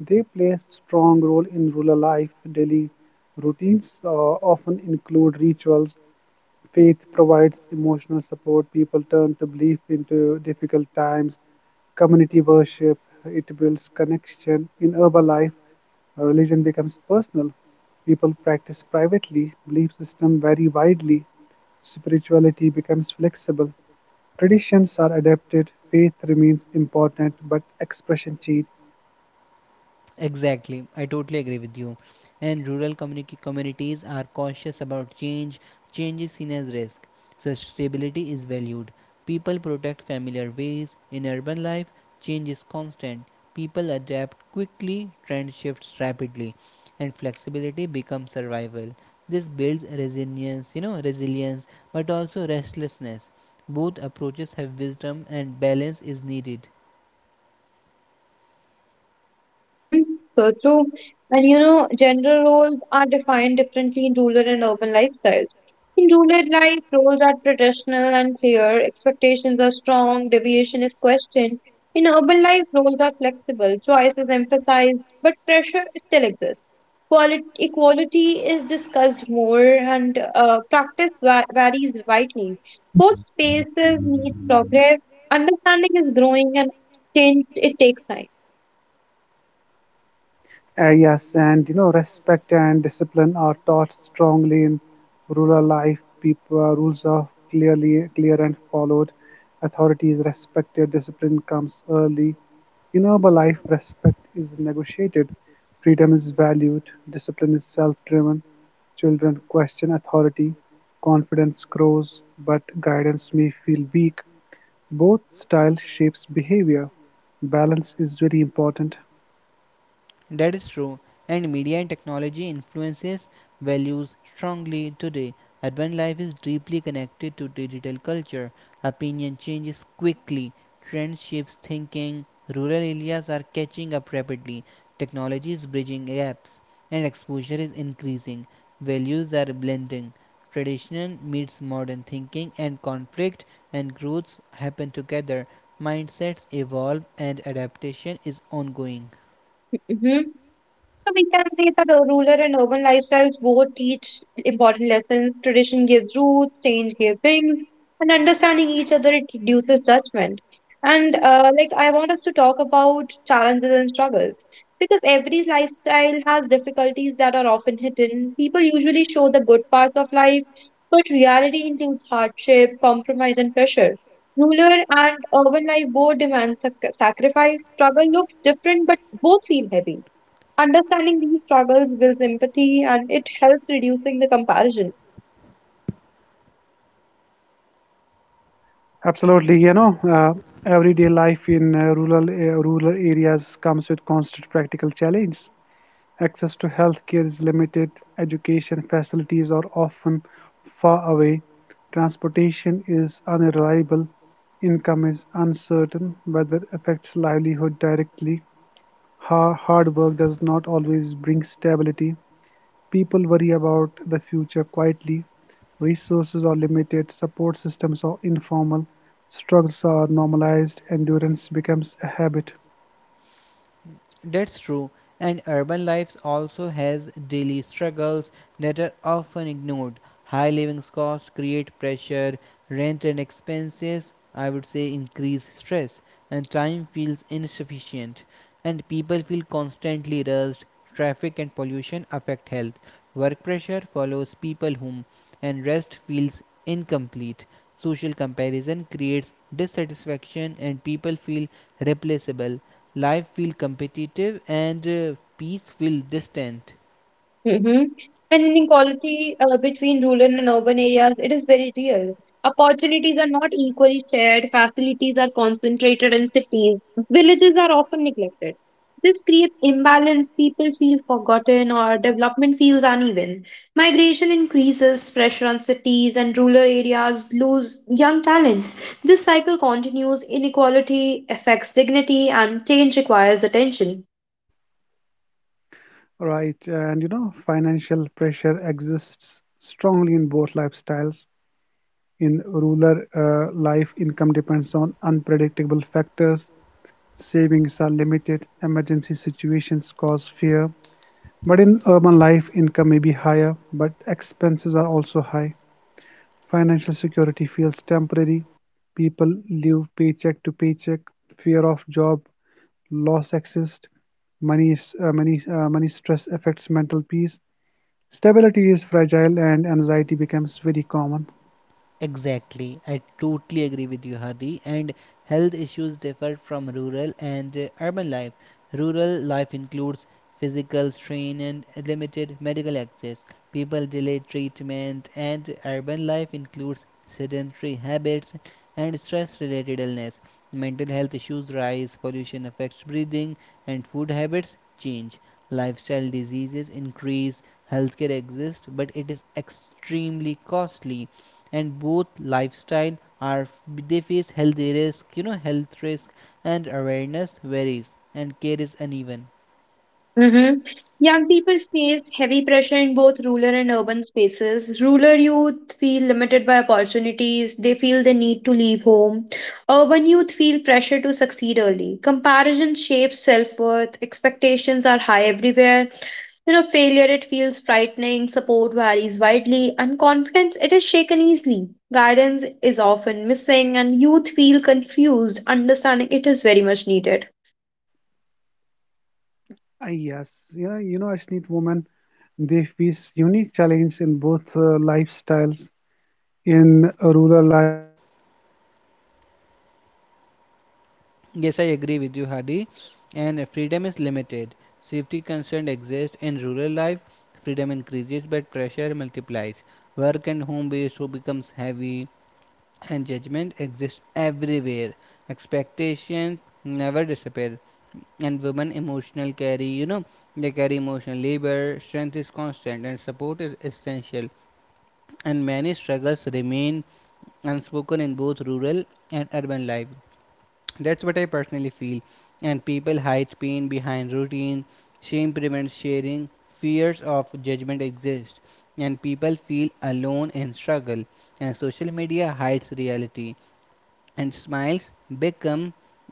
Speaker 2: They play a strong role in rural life. Daily routines often include rituals. Faith provides emotional support. People turn to belief into difficult times. Community worship, it builds connection. In urban life, religion becomes personal. People practice privately. Belief system vary widely. Spirituality becomes flexible. Traditions are adapted, faith remains important, but expression changes.
Speaker 3: Exactly, I totally agree with you. And rural communities are cautious about change. Change is seen as risk, so stability is valued. People protect familiar ways. In urban life, change is constant. People adapt quickly, trend shifts rapidly, and flexibility becomes survival. This builds resilience, you know, resilience, but also restlessness. Both approaches have wisdom and balance is needed.
Speaker 1: Mm-hmm. So true. And you know, gender roles are defined differently in rural and urban lifestyles. In rural life, roles are traditional and clear, expectations are strong, deviation is questioned. In urban life, roles are flexible, choice is emphasized, but pressure still exists. Quality, equality is discussed more, and practice varies widely. Both spaces need progress, understanding is growing, and change it takes time.
Speaker 2: Yes, and you know, respect and discipline are taught strongly in rural life. People rules are clearly clear and followed. Authority is respected. Discipline comes early. In urban life, respect is negotiated. Freedom is valued. Discipline is self-driven. Children question authority. Confidence grows, but guidance may feel weak. Both style shapes behavior. Balance is very important.
Speaker 3: That is true, and media and technology influences values strongly today. Urban life is deeply connected to digital culture. Opinion changes quickly, trend shapes thinking, rural areas are catching up rapidly, technology is bridging gaps, and exposure is increasing. Values are blending. Traditional meets modern thinking, and conflict and growth happen together. Mindsets evolve, and adaptation is ongoing.
Speaker 1: Mm-hmm. So we can say that rural and urban lifestyles both teach important lessons. Tradition gives roots, change gives wings, and understanding each other it reduces judgment. And I want us to talk about challenges and struggles because every lifestyle has difficulties that are often hidden. People usually show the good parts of life, but reality includes hardship, compromise, and pressure. Rural and urban life both demand sacrifice. Struggle looks different, but both feel heavy. Understanding these struggles builds empathy and it helps reducing the comparison.
Speaker 2: Absolutely, you know, everyday life in rural areas comes with constant practical challenges. Access to healthcare is limited. Education facilities are often far away. Transportation is unreliable. Income is uncertain. Weather affects livelihood directly. Hard work does not always bring stability. People worry about the future quietly, resources are limited, support systems are informal, struggles are normalized, endurance becomes a habit.
Speaker 3: That's true, and urban life also has daily struggles that are often ignored. High living costs create pressure, rent and expenses, I would say, increase stress, and time feels insufficient. And people feel constantly rushed. Traffic and pollution affect health. Work pressure follows people home, and rest feels incomplete. Social comparison creates dissatisfaction, and people feel replaceable. Life feel competitive and peace feel distant.
Speaker 1: Mhm. And inequality between rural and urban areas, it is very real. Opportunities are not equally shared, facilities are concentrated in cities, villages are often neglected. This creates imbalance, people feel forgotten, or development feels uneven. Migration increases, pressure on cities and rural areas lose young talent. This cycle continues, inequality affects dignity, and change requires attention.
Speaker 2: Right, and you know, financial pressure exists strongly in both lifestyles. In rural life, income depends on unpredictable factors, savings are limited, emergency situations cause fear. But in urban life, income may be higher, but expenses are also high. Financial security feels temporary; people live paycheck to paycheck; fear of job loss exists; money money stress affects mental peace; stability is fragile, and anxiety becomes very common.
Speaker 3: Exactly. I totally agree with you, Hadi. And health issues differ from rural and urban life. Rural life includes physical strain and limited medical access. People delay treatment, and urban life includes sedentary habits and stress related illness. Mental health issues rise, pollution affects breathing, and food habits change. Lifestyle diseases increase, healthcare exists, but it is extremely costly and both lifestyle are they face health risk, you know, health risk, and awareness varies and care is uneven.
Speaker 1: Hmm. Young people face heavy pressure in both rural and urban spaces. Rural youth feel limited by opportunities, they feel the need to leave home. Urban youth feel pressure to succeed early. Comparison shapes self worth, expectations are high everywhere. You know, failure it feels frightening, support varies widely, and confidence it is shaken easily. Guidance is often missing, and youth feel confused. Understanding it is very much needed.
Speaker 2: Yes, you know, Ashneet, women they face unique challenges in both lifestyles.
Speaker 3: Yes, I agree with you, Hadi. And freedom is limited. Safety concern exists. In rural life, freedom increases but pressure multiplies. Work and home based who becomes heavy, and judgment exists everywhere. Expectations never disappear, and women emotional carry, you know, they carry emotional labor. Strength is constant and support is essential, and many struggles remain unspoken in both rural and urban life. That's what I personally feel. And people hide pain behind routine, shame prevents sharing, fears of judgment exist, and people feel alone in struggle. And social media hides reality, and smiles become,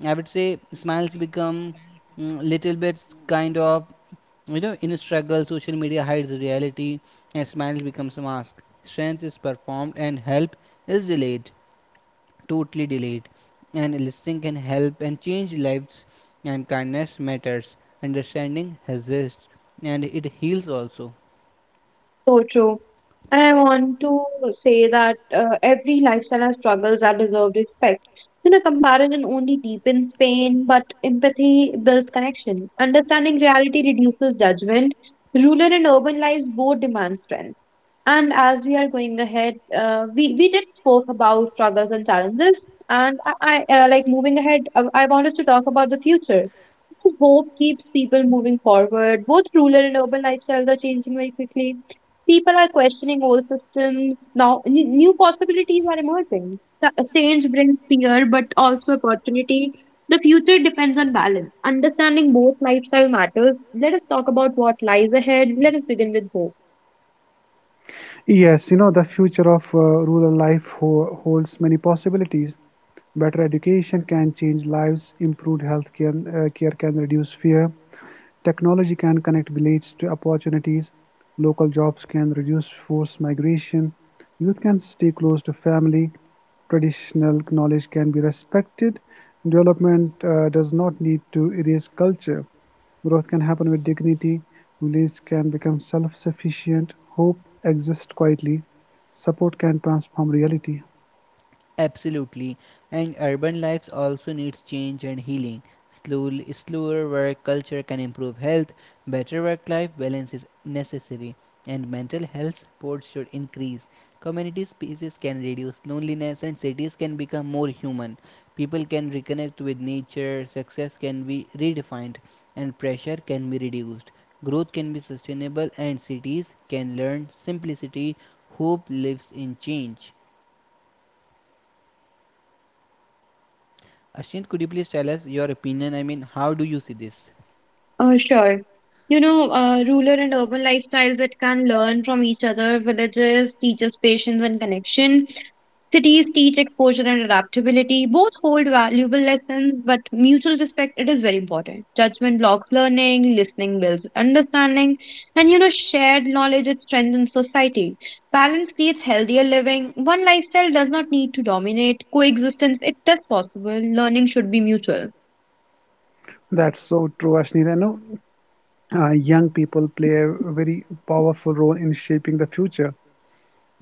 Speaker 3: I would say smiles become, little bit kind of you know, in struggle, social media hides reality, and smile becomes a mask. Strength is performed, and help is delayed, totally delayed. And listening can help and change lives, and kindness matters. Understanding exists, and it heals also.
Speaker 1: So true. And I want to say that every lifestyle has struggles that deserve respect. You know, comparison only deepens pain, but empathy builds connection. Understanding reality reduces judgment. Rural and urban lives both demand strength. And as we are going ahead, we did spoke about struggles and challenges. And I like moving ahead, I want us to talk about the future. So hope keeps people moving forward. Both rural and urban lifestyles are changing very quickly. People are questioning old systems. Now, new possibilities are emerging. Change brings fear, but also opportunity. The future depends on balance. Understanding both lifestyle matters. Let us talk about what lies ahead. Let us begin with hope.
Speaker 2: Yes, you know, the future of rural life holds many possibilities. Better education can change lives, improved health care, care can reduce fear, technology can connect villages to opportunities, local jobs can reduce forced migration, youth can stay close to family, traditional knowledge can be respected. Development does not need to erase culture. Growth can happen with dignity, village can become self-sufficient, hope exists quietly, support can transform reality.
Speaker 3: Absolutely. And urban lives also needs change and healing. Slower work culture can improve health. Better work-life balance is necessary, and mental health support should increase. Community spaces can reduce loneliness, and cities can become more human. People can reconnect with nature. Success can be redefined, and pressure can be reduced. Growth can be sustainable, and cities can learn simplicity. Hope lives in change. Ashint, could you please tell us your opinion? I mean, how do you see this?
Speaker 1: Sure. You know, rural and urban lifestyles that can learn from each other. Villages teaches patience and connection. Cities teach exposure and adaptability. Both hold valuable lessons, but mutual respect it is very important. Judgment blocks learning, listening builds understanding, and you know, shared knowledge it strengthens society. Balance creates healthier living. One lifestyle does not need to dominate. Coexistence it is possible. Learning should be mutual.
Speaker 2: That's so true, Ashneet. I know young people play a very powerful role in shaping the future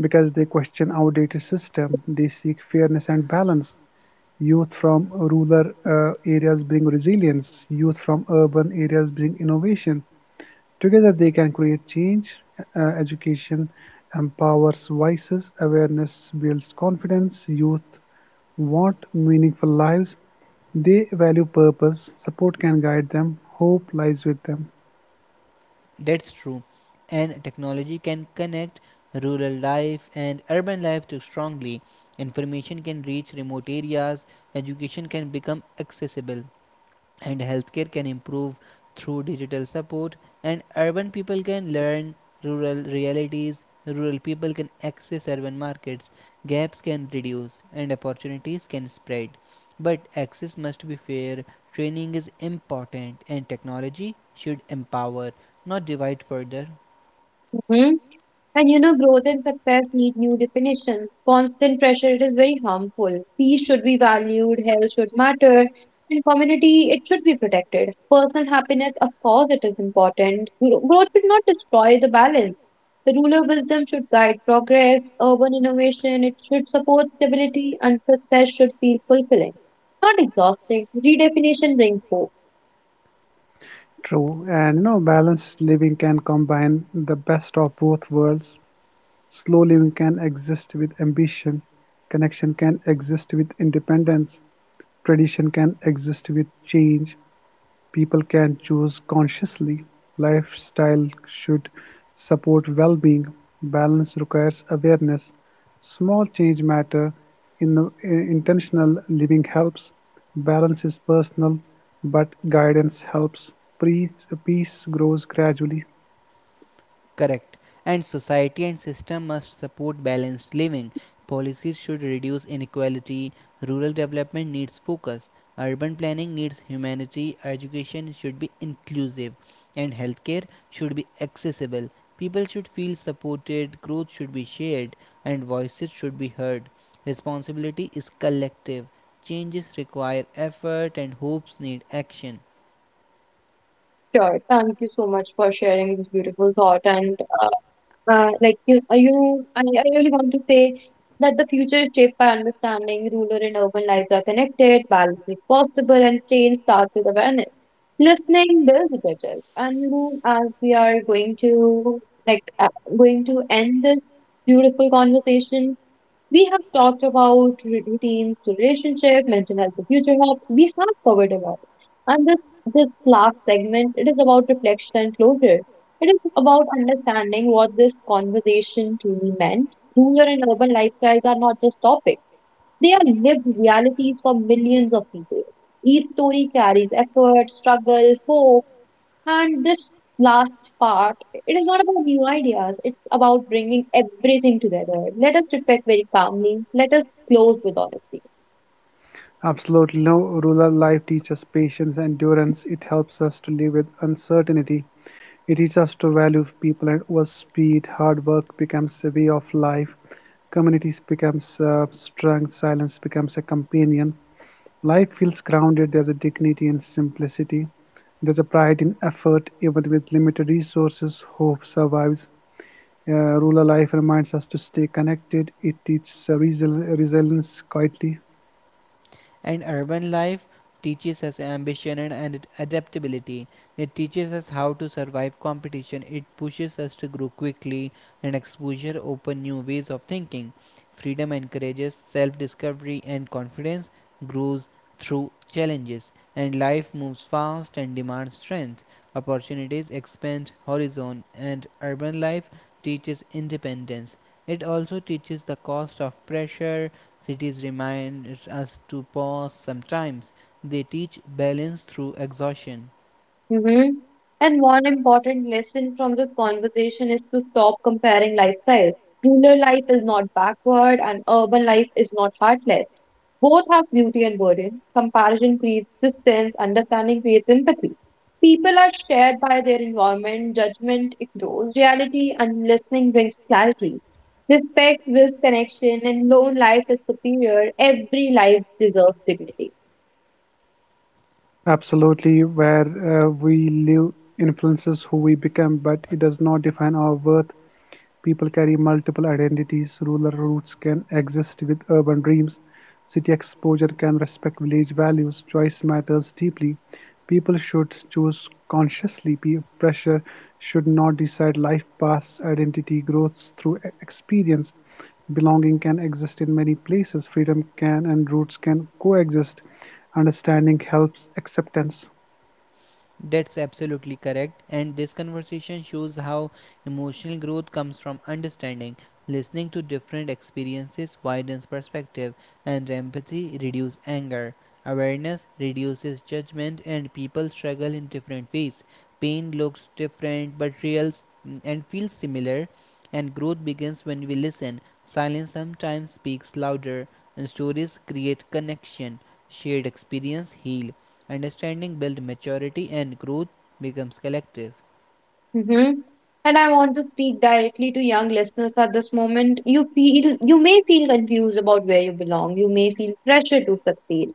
Speaker 2: because they question outdated system, they seek fairness and balance. Youth from rural areas bring resilience. Youth from urban areas bring innovation. Together they can create change. Education empowers voices, awareness builds confidence, youth want meaningful lives, they value purpose, support can guide them, hope lies with them.
Speaker 3: That's true. And technology can connect rural life and urban life too strongly. Information can reach remote areas, education can become accessible, and healthcare can improve through digital support. And urban people can learn rural realities, rural people can access urban markets, gaps can reduce and opportunities can spread, but access must be fair, training is important, and technology should empower, not divide further.
Speaker 1: And you know, growth and success need new definitions. Constant pressure it is very harmful. Peace should be valued, health should matter, and community it should be protected. Personal happiness, of course, it is important. Growth should not destroy the balance. The rule of wisdom should guide progress, urban innovation, it should support stability, and success should feel fulfilling, not exhausting. Redefinition brings hope.
Speaker 2: True, and you know, balanced living can combine the best of both worlds. Slow living can exist with ambition, connection can exist with independence, tradition can exist with change. People can choose consciously; lifestyle should support well-being; balance requires awareness; small change matter; Intentional living helps; balance is personal, but guidance helps; peace grows gradually.
Speaker 3: Correct. And society and system must support balanced living. Policies should reduce inequality. Rural development needs focus. Urban planning needs humanity. Education should be inclusive. And healthcare should be accessible. People should feel supported. Growth should be shared. And voices should be heard. Responsibility is collective. Changes require effort, and hopes need action.
Speaker 1: Sure. Thank you so much for sharing this beautiful thought and like you, you, I really want to say that the future is shaped by understanding rural and urban lives are connected, balance is possible, and change starts with awareness. Listening builds bridges. And you know, as we are going to like going to end this beautiful conversation, we have talked about routines, relationship, mental health, the future hopes. We have covered a lot. And this last segment, it is about reflection and closure. It is about understanding what this conversation truly meant. Rural and urban lifestyles are not just topics. They are lived realities for millions of people. Each story carries effort, struggle, hope, and this last part, it is not about new ideas, it's about bringing everything together. Let us reflect very calmly, let us close with honesty.
Speaker 2: Absolutely no rural life teaches patience, and endurance; it helps us to live with uncertainty. It teaches us to value people and work-speed, hard work becomes a way of life, communities becomes strength, silence becomes a companion. Life feels grounded, there's a dignity in simplicity, there's a pride in effort, even with limited resources, hope survives. Rural life reminds us to stay connected, it teaches resilience quietly.
Speaker 3: And urban life teaches us ambition and adaptability. It teaches us how to survive competition. It pushes us to grow quickly, and exposure open new ways of thinking. Freedom encourages self discovery, and confidence grows through challenges. And life moves fast and demands strength. Opportunities expand horizon, and urban life teaches independence. It also teaches the cost of pressure. Cities remind us to pause sometimes; they teach balance through exhaustion.
Speaker 1: Mm-hmm. And one important lesson from this conversation is to stop comparing lifestyles. Rural life is not backward, and urban life is not heartless. Both have beauty and burden. Comparison creates distance, understanding creates empathy. People are shared by their environment, judgment ignores reality, and listening brings clarity. Respect builds connection, and lone life is superior. Every life deserves dignity.
Speaker 2: Absolutely, where we live influences who we become, but it does not define our worth. People carry multiple identities, rural roots can exist with urban dreams, city exposure can respect village values, choice matters deeply. People should choose consciously. Peer pressure should not decide life paths, identity grows through experience. Belonging can exist in many places, freedom can and roots can coexist. Understanding helps acceptance.
Speaker 3: That's absolutely correct, and this conversation shows how emotional growth comes from understanding. Listening to different experiences widens perspective, and empathy reduces anger. Awareness reduces judgment, and people struggle in different ways. Pain looks different but reals and feels similar, and growth begins when we listen. Silence sometimes speaks louder, and stories create connection. Shared experience heals. Understanding builds maturity and growth becomes collective.
Speaker 1: Mm-hmm. And I want to speak directly to young listeners at this moment. You may feel confused about where you belong. You may feel pressure to succeed.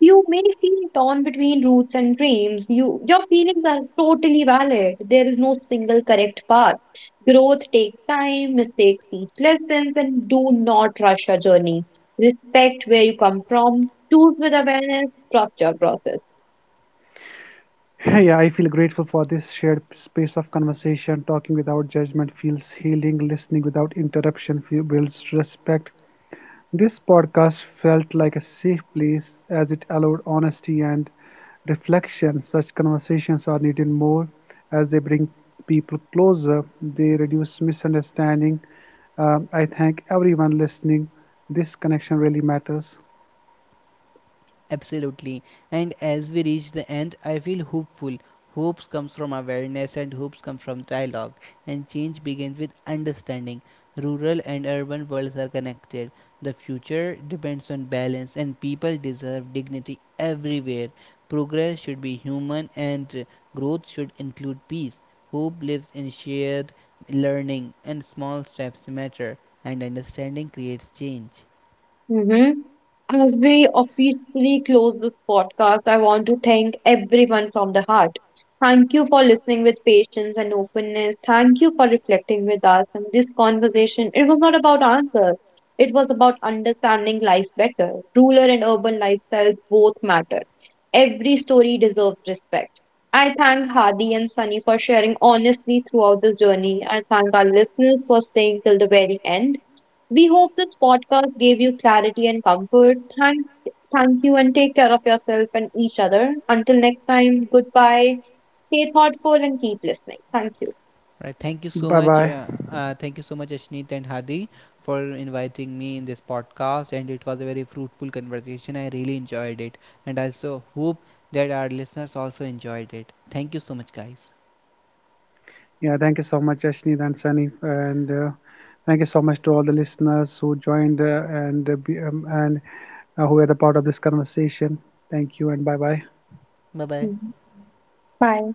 Speaker 1: You may feel torn between roots and dreams. Your feelings are totally valid. There is no single correct path. Growth takes time, mistakes teach lessons, and do not rush your journey. Respect where you come from. Choose with awareness. Trust your process.
Speaker 2: Yeah, I feel grateful for this shared space of conversation. Talking without judgment feels healing, listening without interruption builds respect. This podcast felt like a safe place as it allowed honesty and reflection. Such conversations are needed more as they bring people closer, they reduce misunderstanding. I thank everyone listening. This connection really matters.
Speaker 3: Absolutely. And as we reach the end, I feel hopeful. Hopes comes from awareness and hopes come from dialogue. And change begins with understanding. Rural and urban worlds are connected. The future depends on balance and people deserve dignity everywhere. Progress should be human and growth should include peace. Hope lives in shared learning and small steps matter and understanding creates change.
Speaker 1: Mm-hmm. As we officially close this podcast, I want to thank everyone from the heart. Thank you for listening with patience and openness. Thank you for reflecting with us in this conversation. It was not about answers, it was about understanding life better. Rural and urban lifestyles both matter. Every story deserves respect. I thank Hadi and Sunny for sharing honestly throughout this journey. I thank our listeners for staying till the very end. We hope this podcast gave you clarity and comfort. Thank you and take care of yourself and each other. Until next time, goodbye. Stay thoughtful and keep listening. Thank you.
Speaker 3: Right. Thank you so
Speaker 2: Bye
Speaker 3: much.
Speaker 2: bye.
Speaker 3: Thank you so much, Ashneet and Hadi, for inviting me in this podcast. And it was a very fruitful conversation. I really enjoyed it. And I also hope that our listeners also enjoyed it. Thank you so much, guys.
Speaker 2: Yeah, thank you so much, Ashneet and Sunny, and thank you so much to all the listeners who joined and be- and who were the part of this conversation. Thank you, and bye bye.
Speaker 3: Bye bye.
Speaker 1: Mhm. Bye.